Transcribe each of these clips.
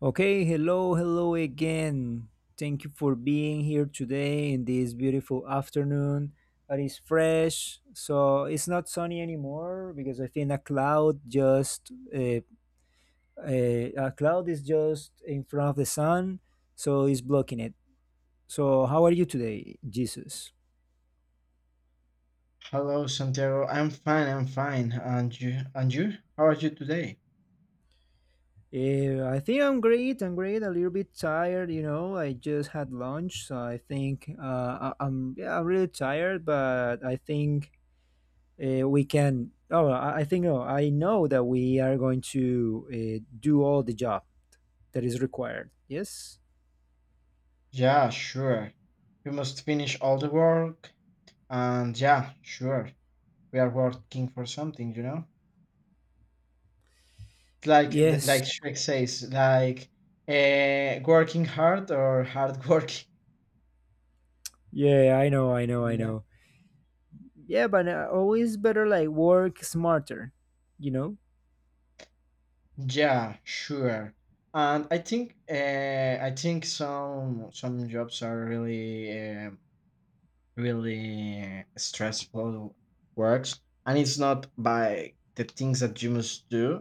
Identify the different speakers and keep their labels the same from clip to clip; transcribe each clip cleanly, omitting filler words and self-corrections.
Speaker 1: Okay, hello, hello again. Thank you for being here today in this beautiful afternoon that is fresh. So it's not sunny anymore because I think a cloud just a cloud is just in front of the sun, so it's blocking it. So how are you today, Jesus?
Speaker 2: Hello, Santiago. I'm fine. And you? How are you today?
Speaker 1: I think I'm great. I'm great. A little bit tired, you know. I just had lunch, so I think I'm yeah, I'm really tired, but I think we can I think I know that we are going to do all the job that is required. Yes.
Speaker 2: Yeah, sure. We must finish all the work. And yeah, sure. We are working for something, you know. It's like the,
Speaker 1: Yes,
Speaker 2: like Shrek says, like working hard or hard working.
Speaker 1: yeah, i know i know i
Speaker 2: Yeah.
Speaker 1: know yeah, but always better like work smarter, you know.
Speaker 2: Yeah, sure. And I think some jobs are really really stressful works, and it's not by the things that you must do.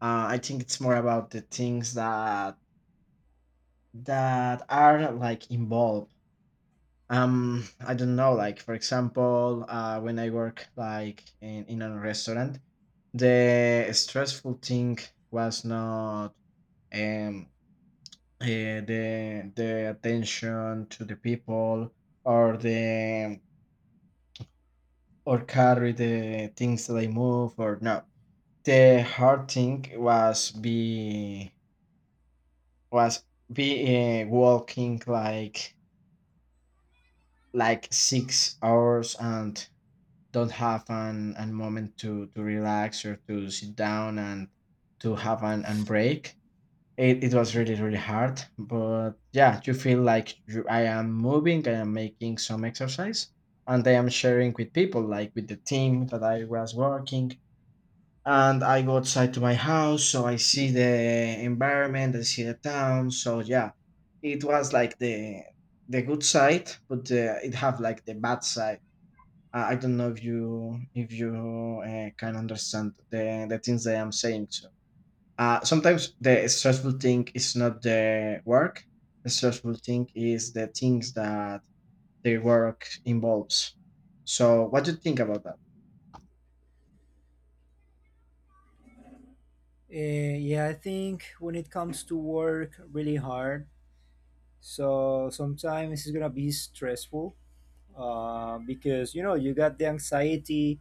Speaker 2: I think it's more about the things that are like involved. I don't know, like for example when I work like in a restaurant, the stressful thing was not um the attention to the people, or the, or carry the things that I move. Or no, the hard thing was was be walking like 6 hours and don't have an moment to relax or to sit down and to have an break. It was really
Speaker 1: Mhm.
Speaker 2: really hard, but yeah, you feel like I am moving, I am making some exercise, and I am sharing with people, like with the team that I was working, and I go outside to my house, so I see the environment, I see the town. So yeah, it was like the good side, but it have like the bad side. I don't know if you can understand the things that I'm saying. So sometimes the stressful thing is not the work. The stressful thing is the things that the work involves. So what do you think about that?
Speaker 1: Yeah, I think when it comes to work really hard, so sometimes it's gonna be stressful because you know you got the anxiety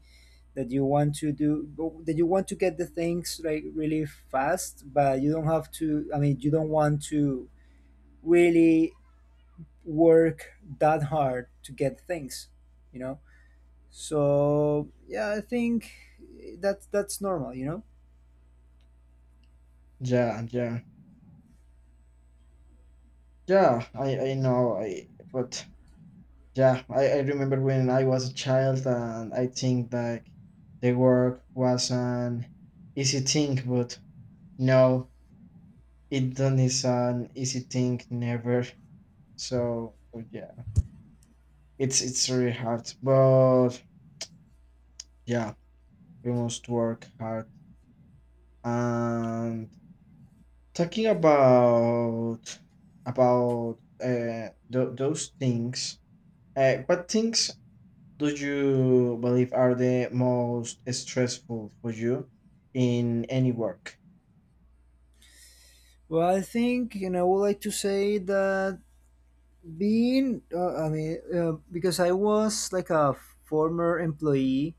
Speaker 1: that you want to do, that you want to get the things like really fast, but you don't have to. I mean, you don't want to really work that hard to get things, you know. So yeah, I think that's normal, you know.
Speaker 2: Yeah, yeah, yeah. I know. I but, yeah, I remember when I was a child, and I think like the work was an easy thing, but no, it done is an easy thing never. So yeah, it's really hard, but yeah, we must work hard. And talking about those things, what things do you believe are the most stressful for you in any work?
Speaker 1: Well, I think, you know, I would like to say that being because I was like a former employee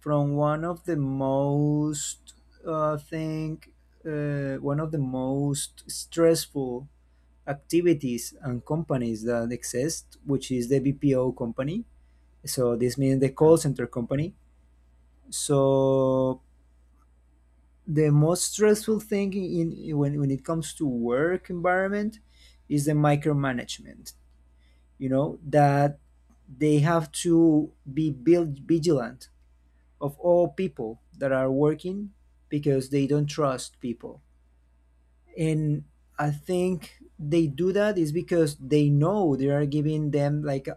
Speaker 1: from one of the most think one of the most stressful activities and companies that exist, which is the BPO company, so this means the
Speaker 2: Uh,
Speaker 1: call center company. So the most stressful thing in, when it comes to work environment is the micromanagement, you know, that they have to be built vigilant of all people that are working because they don't trust people. And I think they do that is because they know they are giving them like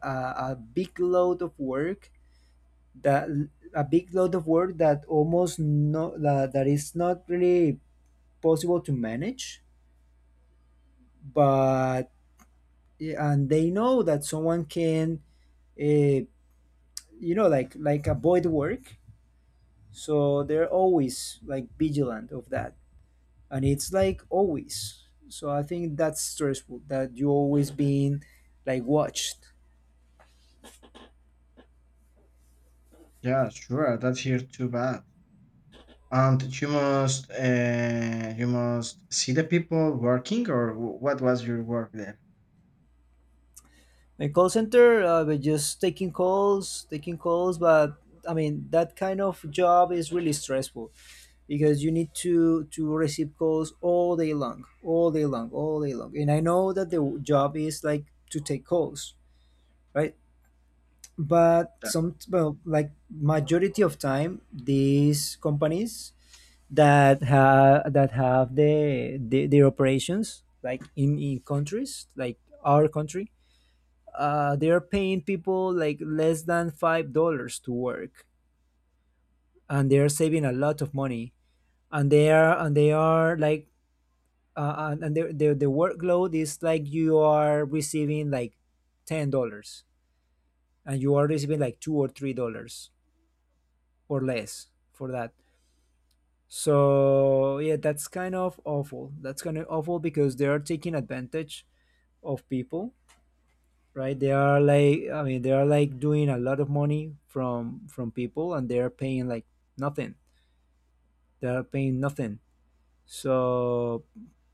Speaker 1: a big load of work that almost no, that is not really possible to manage. But yeah, and they know that someone can uh, you like avoid work, so they're always like vigilant of that, and it's like always. So I think that's stressful, that you always being like watched.
Speaker 2: Yeah, sure. That's here too bad. And you must see the people working, or what was your work there?
Speaker 1: My call center, but just taking calls, taking calls. But I mean, that kind of job is really stressful because you need to receive calls all day long, all day long, all day long. And I know that the job is like to take calls, right? But
Speaker 2: Yeah,
Speaker 1: some, well, like majority of time, these companies that have the their operations like in countries like our country, they are paying people like less than $5 to work, and they are saving a lot of money. And they are like and the workload is like you are receiving like $10, and you are receiving like $2 or $3 or less for that. So yeah, that's kind of awful. That's kind of awful because they are taking advantage of people, right? They are like, I mean, they are like doing a lot of money from people, and they are paying like nothing. They are paying nothing. So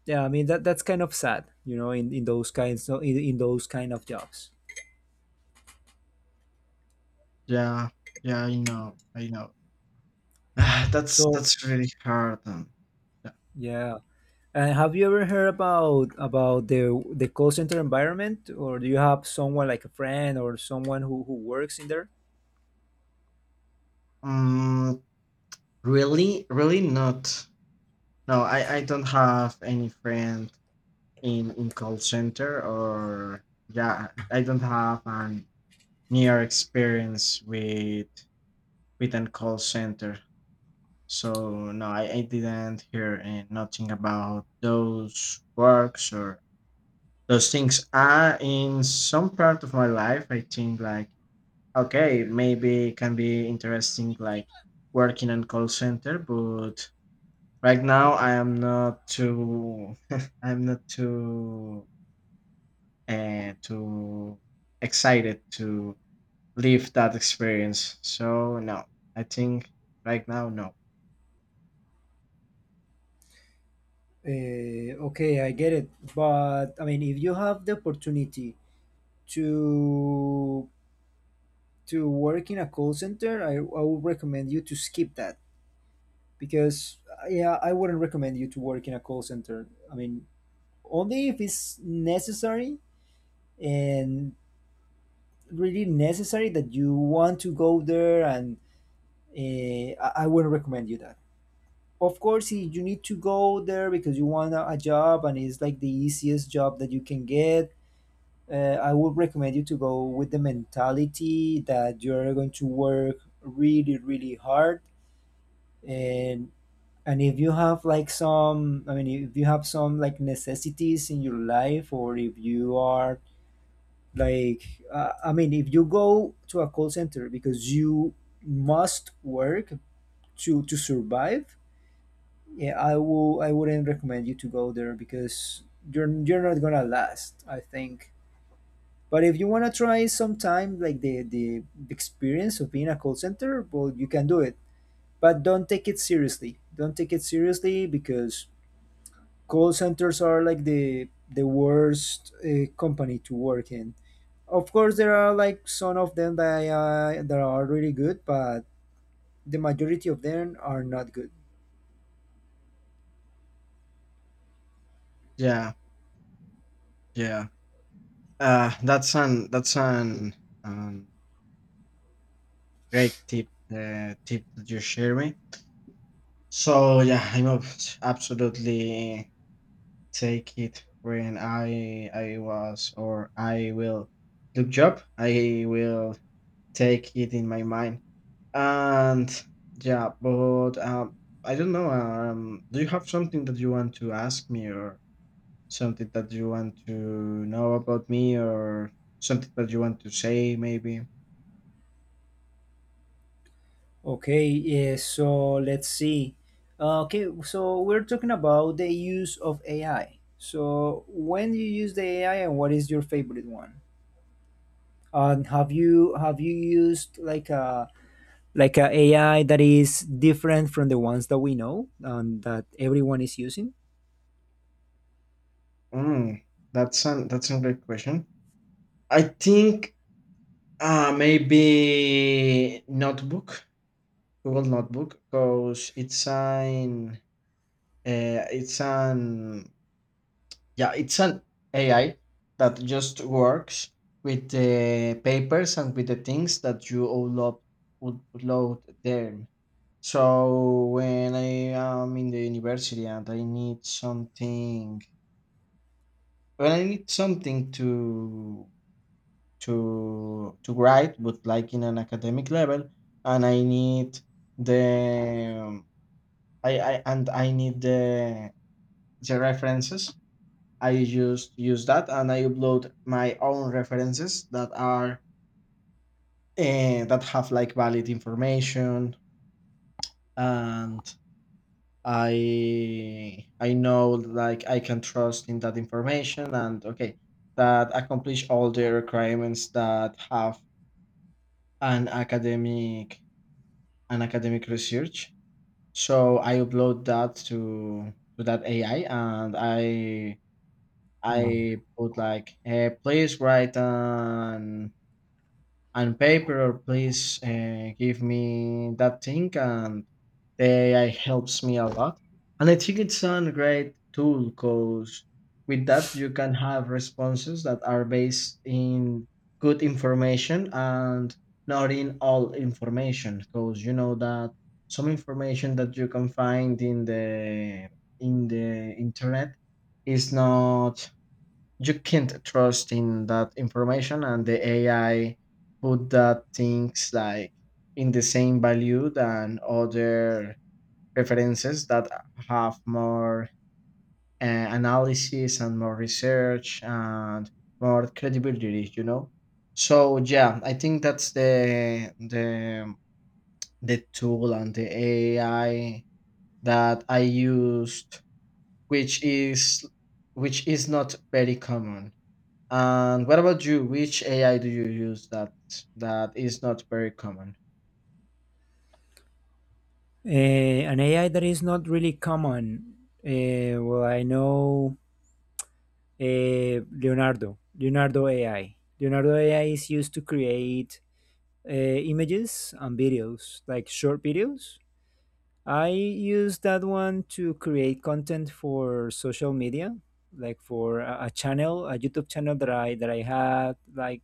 Speaker 1: yeah, I mean, that's kind of sad, you know, in those kinds of, in those kind of jobs.
Speaker 2: yeah, yeah, I know, I know. Ah,
Speaker 1: So
Speaker 2: that's really hard. Yeah.
Speaker 1: yeah, and have you ever heard about the call center environment, or do you have someone like a friend or someone who works in there?
Speaker 2: um Really, really not. No, I don't have any friend in call center. Or yeah, I don't have an near experience with an call center. So no, I didn't hear nothing about those works or those things are in some part of my life. I think like, okay, maybe it can be interesting like working in call center, but right now I am not too I'm not too and to excited to live that experience. So no, I think right now no.
Speaker 1: Okay, I get it. But I mean, if you have the opportunity to to work in a call center, I would recommend you to skip that because yeah, I wouldn't recommend you to work in a call center. I mean, only if it's necessary and really necessary that you want to go there, and uh, I wouldn't recommend you that. Of course, if you need to go there because you want a job and it's like the easiest job that you can get, uh, I would recommend you to go with the mentality that you're going to work really, really hard. And and if you have like some, I mean, if you have some like necessities in your life, or if you are like, I mean, if you go to a call center because you must work to survive, yeah, I will. I wouldn't recommend you to go there because you're not gonna last. I think. But if you want to try sometime like the experience of being a call center, well, you can do it. But don't take it seriously. Don't take it seriously because call centers are like the worst company to work in. Of course, there are like some of them that that are really good, but the majority of them are not good.
Speaker 2: Yeah, yeah. That's an um, great tip. The tip that you share me. So yeah, I know absolutely take it when I was or I will look job. I will take it in my mind. And yeah, but I don't know. Do you have something that you want to ask me, or something that you want to know about me, or something that you want to say? Maybe.
Speaker 1: Okay, yeah, so let's see. Okay, so we're talking about the use of AI. So when you use the AI and what is your favorite one? And have you used like a AI that is different from the ones that we know and that everyone is using?
Speaker 2: Mm, that's a great question. I think maybe notebook, Google Notebook, because it's an uh, it's an Yeah, it's an AI that just works with the papers and with the things that you upload them. So when I am in the university and I need something, when I need something to write, but like in an academic level, and I need the I and I need the references, I just use that, and I upload my own references that are that have like valid information. And I know, like, I can trust in that information. And okay, that accomplish all the requirements that have an academic, an academic research. So I upload that to that AI, and I
Speaker 1: Yeah.
Speaker 2: I put like please write an and paper please, give me that thing, and they helps me a lot. And I think it's a great tool, because with that you can have responses that are based in good information, and not in all information, because you know that some information that you can find in the internet is not, you can't trust in that information. And the AI put that things like in the same value than other references that have more analysis and more research and more credibility, you know. So yeah, I think that's the tool and the AI that I used, which is which is not very common. And what about you? Which AI do you use that is not very common?
Speaker 1: An AI that is not really common. Well, I know Leonardo AI. Leonardo AI is used to create images and videos, like short videos. I use that one to create content for social media, like for a channel, a YouTube channel that I had like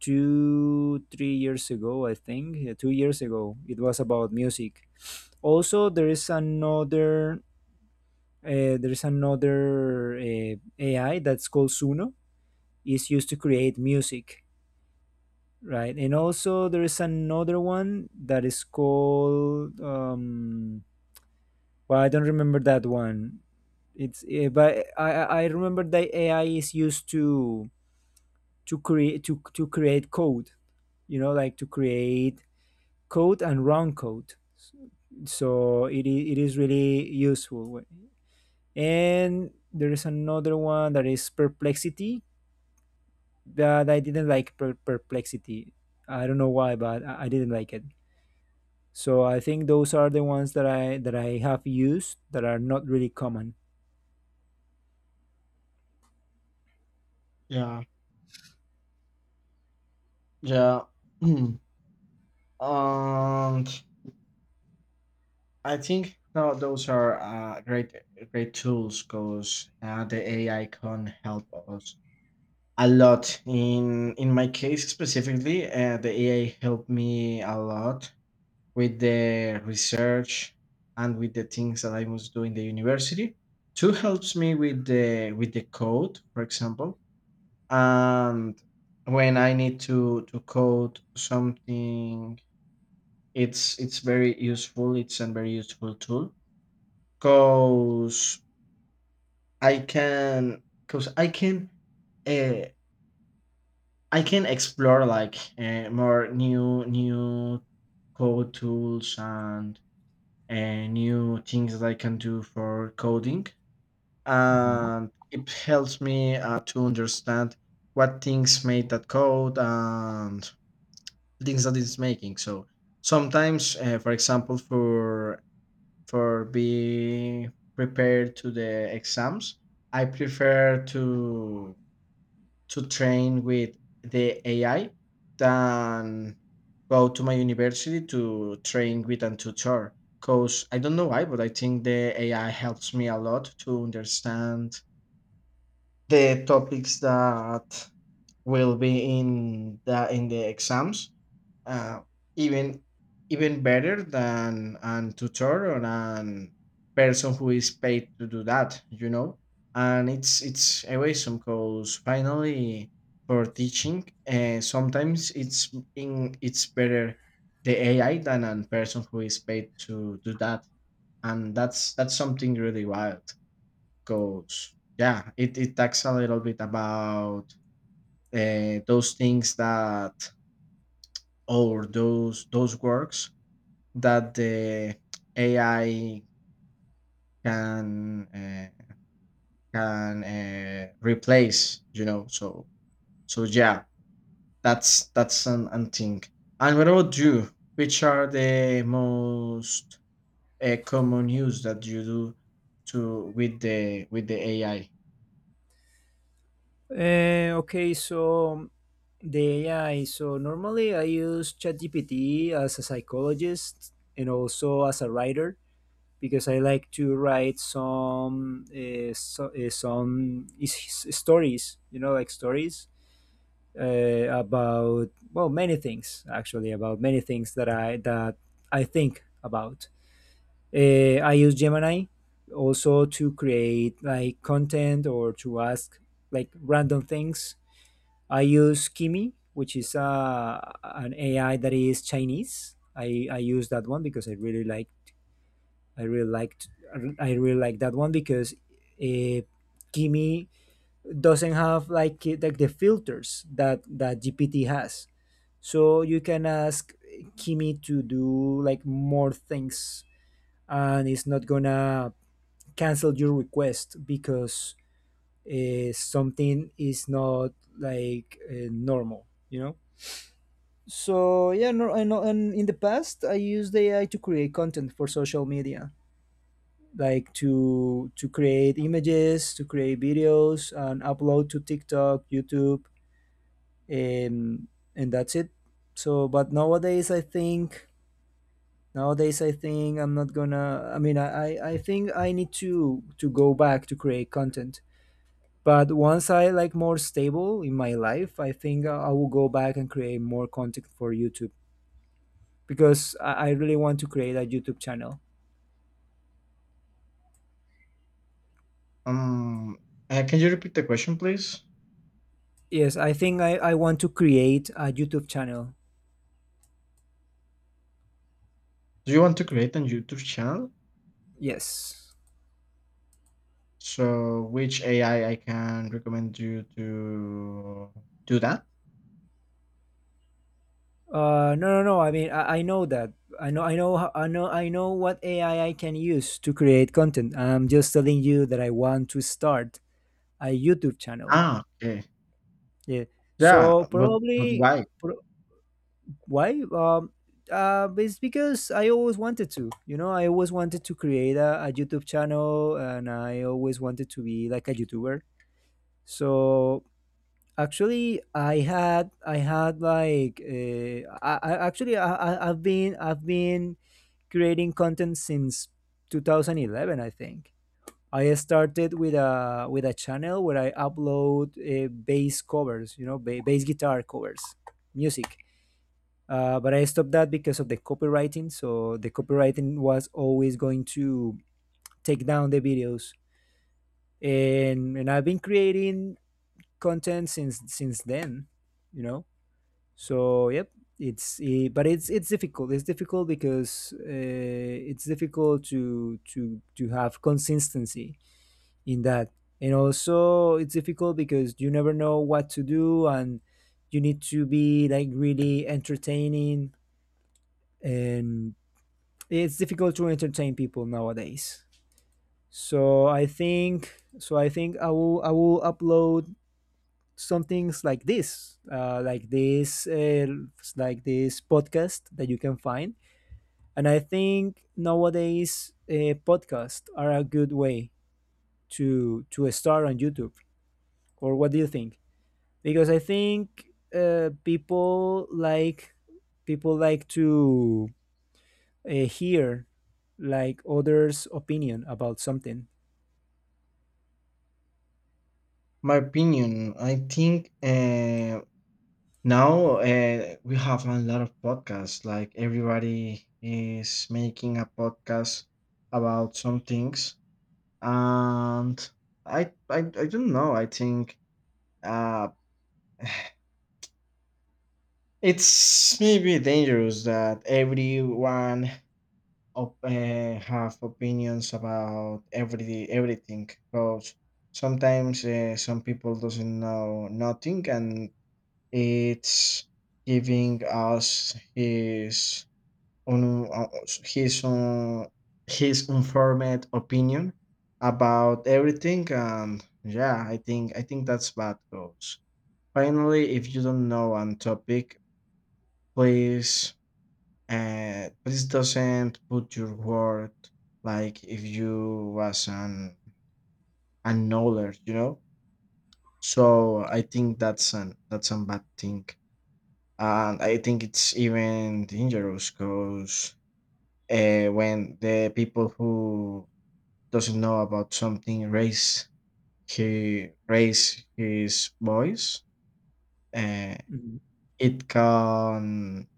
Speaker 1: two, 3 years ago, I think. Yeah, 2 years ago, it was about music. Also, there is another AI that's called Suno. It's used to create music. Right, and also there is another one that is called. Well, I don't remember that one. It's eh, but I remember that AI is used to to create code. You know, like to create code and run code. So it is really useful. And there is another one that is perplexity that I didn't like. Perplexity. I don't know why, but I didn't like it. So I think those are the ones that I have used that are not really common.
Speaker 2: Yeah. Yeah. And I think now those are great tools, because the AI can help us a lot. In my case specifically, the AI helped me a lot with the research and with the things that I must do in the university. Two helps me with the code, for example, and when I need to code something, it's very useful, it's a very useful tool, because I can uh, I can explore like more new code tools, and uh, new things that I can do for coding.
Speaker 1: Mhm.
Speaker 2: And it helps me to understand what things made that code and things that it's making. So sometimes, for example, for being prepared to the exams, I prefer to train with the AI than go to my university to train with a tutor. Cause I don't know why, but I think the AI helps me a lot to understand the topics that will be in the exams, uh, even even better than an tutor or an person who is paid to do that, you know. And it's awesome, because finally for teaching, sometimes it's in it's better the AI than a person who is paid to do that, and that's something really wild. Because yeah, it talks a little bit about those things that or those works that the AI can replace. You know, so so yeah, that's an thing. And what about you? Which are the most common use that you do to with the AI?
Speaker 1: Okay, so the AI. So normally I use ChatGPT as a psychologist and also as a writer because I like to write some some stories. You know, like stories about, well, many things, actually, about many things that I think about. I use Gemini also to create like content or to ask like random things. I use Kimi, which is an AI that is Chinese. I use that one because I really liked I really like that one because uh, Kimi doesn't have like like the filters that that GPT has. So you can ask Kimi to do like more things, and it's not gonna cancel your request because something is not like normal, you know. So yeah, no, I know. And in the past, I used AI to create content for social media, like to create images, to create videos, and upload to TikTok, YouTube, and and that's it. So but nowadays I think, I'm not gonna, I mean, I think I need to go back to create content. But once I like more stable in my life, I think I will go back and create more content for YouTube because I really want to create a YouTube channel.
Speaker 2: Um, can you repeat the question, please?
Speaker 1: Yes, I think I want to create a YouTube channel.
Speaker 2: Do you want to create a YouTube channel?
Speaker 1: Yes.
Speaker 2: So, which AI I can recommend you to do that?
Speaker 1: No, no, no. I mean, I know that. I know, I know, I know, I know what AI I can use to create content. I'm just telling you that I want to start a YouTube channel.
Speaker 2: Ah, okay.
Speaker 1: Yeah.
Speaker 2: Yeah,
Speaker 1: So
Speaker 2: but
Speaker 1: probably,
Speaker 2: why?
Speaker 1: pro Why? It's because I always wanted to. You know, I always wanted to create a YouTube channel, and I always wanted to be like a YouTuber. So actually, I had like I've been, creating content since 2011, I think. I started with a channel where I upload bass covers. You know, bass guitar covers, music, but I stopped that because of the copywriting. So the copywriting was always going to take down the videos, and I've been creating content since then, you know. So yep, it's eh, but it's difficult. It's difficult because it's difficult to to have consistency in that, and also it's difficult because you never know what to do, and you need to be like really entertaining, and it's difficult to entertain people nowadays. So I think, I will, upload some things like this, like this podcast that you can find. And I think nowadays podcasts are a good way to start on YouTube. Or what do you think? Because I think uh, people like people like to hear like others' opinion about something.
Speaker 2: My opinion, I think now we have a lot of podcasts. Like everybody is making a podcast about some things, and I don't know. I think uh, it's maybe dangerous that everyone have opinions about everything, because sometimes some people doesn't know nothing, and it's giving us un, uh, his his informed opinion about everything. And yeah, I think that's bad goes. Finally, if you don't know on topic, please please doesn't put your word like if you was an a knowledge, you know. So I think that's a bad thing. And I think it's even dangerous because when the people who doesn't know about something raise, he raise his voice, uh,
Speaker 1: Mhm.
Speaker 2: it can,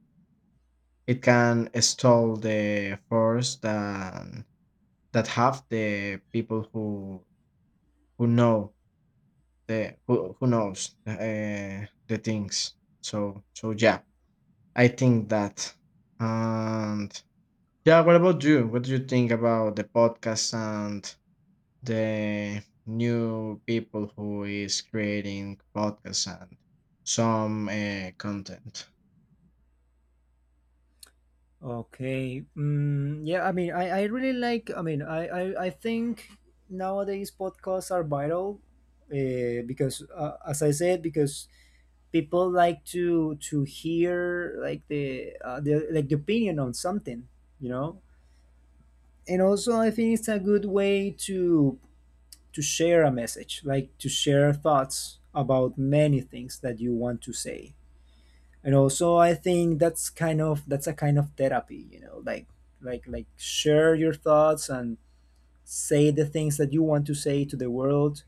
Speaker 2: it can stall the force that have the people who know the who knows the things. So so yeah, I think that. And yeah, what about you? What do you think about the podcast and the new people who is creating podcasts and some content?
Speaker 1: Okay. Mm, yeah, I mean, I really like, I mean, I think nowadays podcasts are vital, because, as I said, because people like to hear like the like the opinion on something, you know? And also, I think it's a good way to share a message, like to share thoughts about many things that you want to say. And also I think that's a kind of therapy, you know, like like share your thoughts and say the things that you want to say to the world.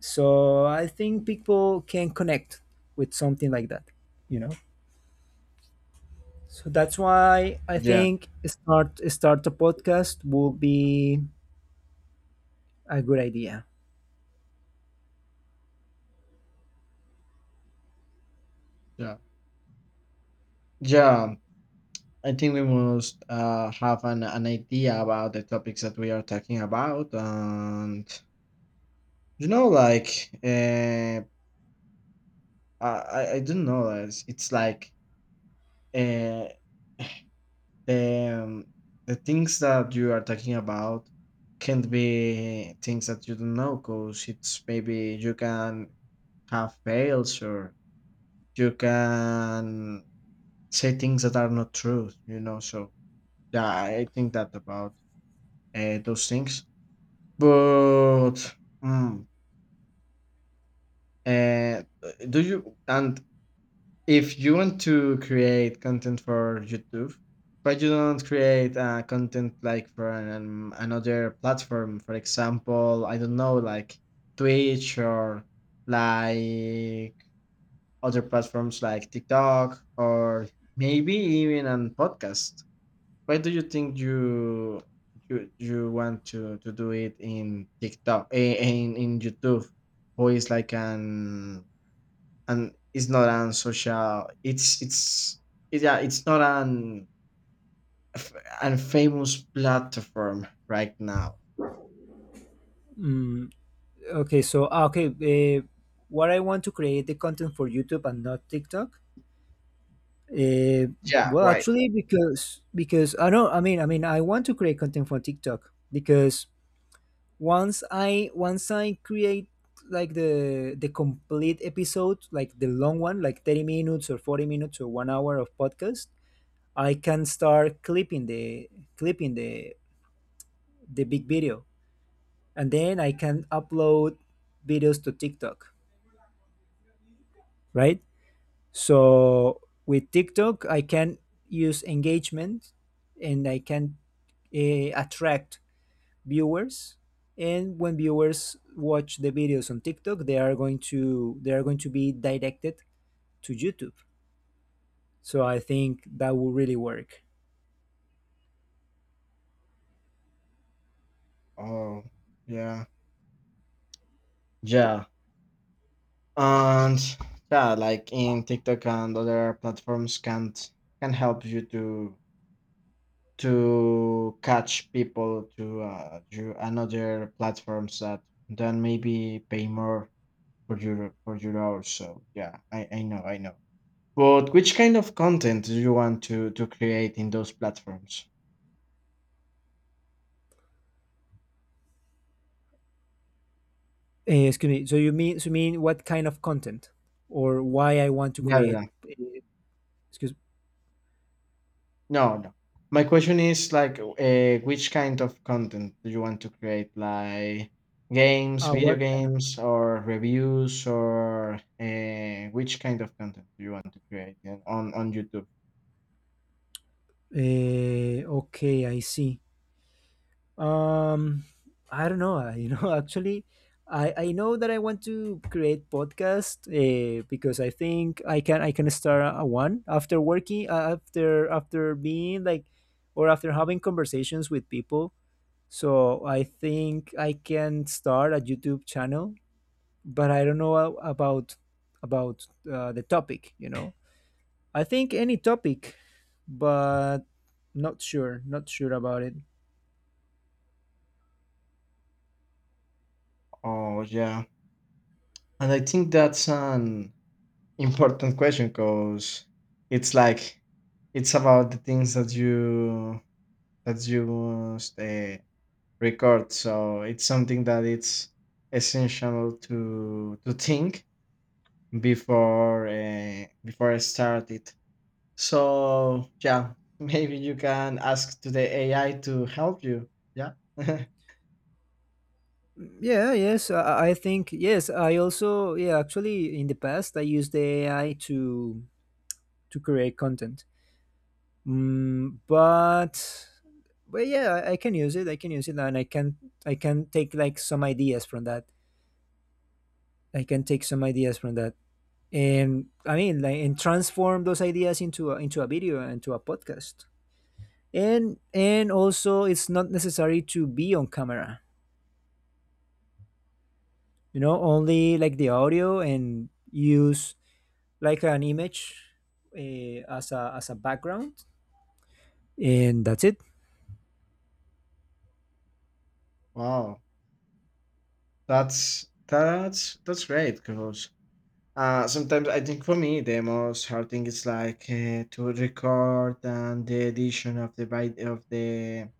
Speaker 1: So I think people can connect with something like that, you know. So that's why I
Speaker 2: Yeah,
Speaker 1: think start a podcast will be a good idea.
Speaker 2: yeah, yeah. I think we must have an idea about the topics that we are talking about, and you know, like I don't know, it's like uh, um, the things that you are talking about can be things that you don't know, because it's maybe you can have fails, or you can say things that are not true, you know. So, yeah, I think that about those things. But, mm, uh, do you, and if you want to create content for YouTube, why you don't create content like for an, another platform? For example, I don't know, like Twitch, or like other platforms like TikTok, or maybe even on podcast. Why do you think you want to do it in TikTok in YouTube, who is like an, and it's not an social. It's yeah. It's not f- an famous platform right now.
Speaker 1: mm, okay so ah, okay uh, what I want to create the content for YouTube and not TikTok. Uh,
Speaker 2: Yeah.
Speaker 1: well,
Speaker 2: Right.
Speaker 1: actually, because I know, I mean I want to create content for TikTok because once I create like the complete episode, like the long one, like 30 minutes or 40 minutes or one hour of podcast, I can start clipping the big video, and then I can upload videos to TikTok, right? So with TikTok, I can use engagement, and I can attract viewers. And when viewers watch the videos on TikTok, they are going to be directed to YouTube. So I think that will really work.
Speaker 2: Oh. Yeah. Yeah. And yeah, like in TikTok and other platforms, can't can help you to catch people to you another platforms that then maybe pay more for your hours. So yeah, I know I know. But which kind of content do you want to create in those platforms?
Speaker 1: Eh, excuse me. So you mean what kind of content or why I want to
Speaker 2: Yeah, yeah.
Speaker 1: create?
Speaker 2: yeah.
Speaker 1: Eh, excuse.
Speaker 2: No, no. My question is like, which kind of content do you want to create? Like games,
Speaker 1: Ah,
Speaker 2: video
Speaker 1: what kind of?
Speaker 2: games, or reviews, or which kind of content do you want to create, yeah, on YouTube?
Speaker 1: Okay, I see. Um, I don't know. You know, actually, I know that I want to create podcast because I think I can start a one after working, after being like or after having conversations with people. So I think I can start a YouTube channel, but I don't know about the topic. You know, I think any topic, but not sure, not sure about it.
Speaker 2: Oh yeah, and I think that's an important question, because it's like it's about the things that you record. So it's something that it's essential to think before before I start it. So yeah, maybe you can ask to the AI to help you. Yeah.
Speaker 1: Yeah, yes, I think yes. I also, yeah, actually in the past I used the AI to create content. Mm, but but yeah, I can use it. I can use it, and I can take like some ideas from that. I can take some ideas from that, and I mean like and transform those ideas into into a video and to a podcast. And also it's not necessary to be on camera, you know, only like the audio and use like an image as a background, and that's it.
Speaker 2: Wow, that's great, because sometimes I think for me the most hard thing is like to record and the edition of the vid-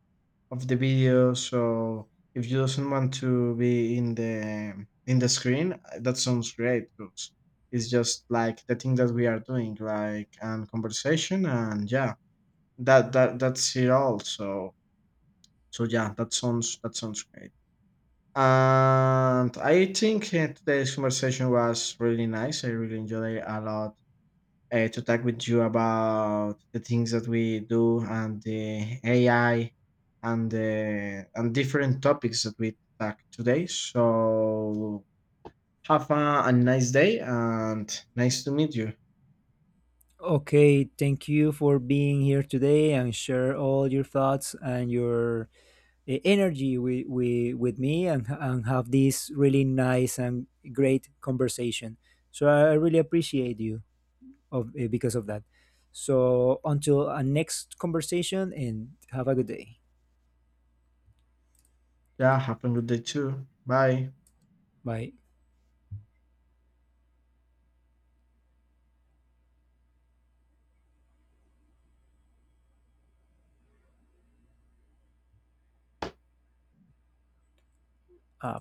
Speaker 2: of the video. So if you doesn't want to be in the screen, that sounds great, because it's just like the thing that we are doing, like and conversation, and yeah, that's it all. So so yeah, that sounds, that sounds great. And I think today's conversation was really nice. I really enjoyed it a lot to talk with you about the things that we do and the AI and the and different topics that we talk today. So have a nice day, and nice to meet you.
Speaker 1: Okay, thank you for being here today and share all your thoughts and your energy with me, and have this really nice and great conversation, so I really appreciate you of because of that. So until our next conversation, and have a good day.
Speaker 2: Yeah, have a good day too. Bye.
Speaker 1: Bye. Uh,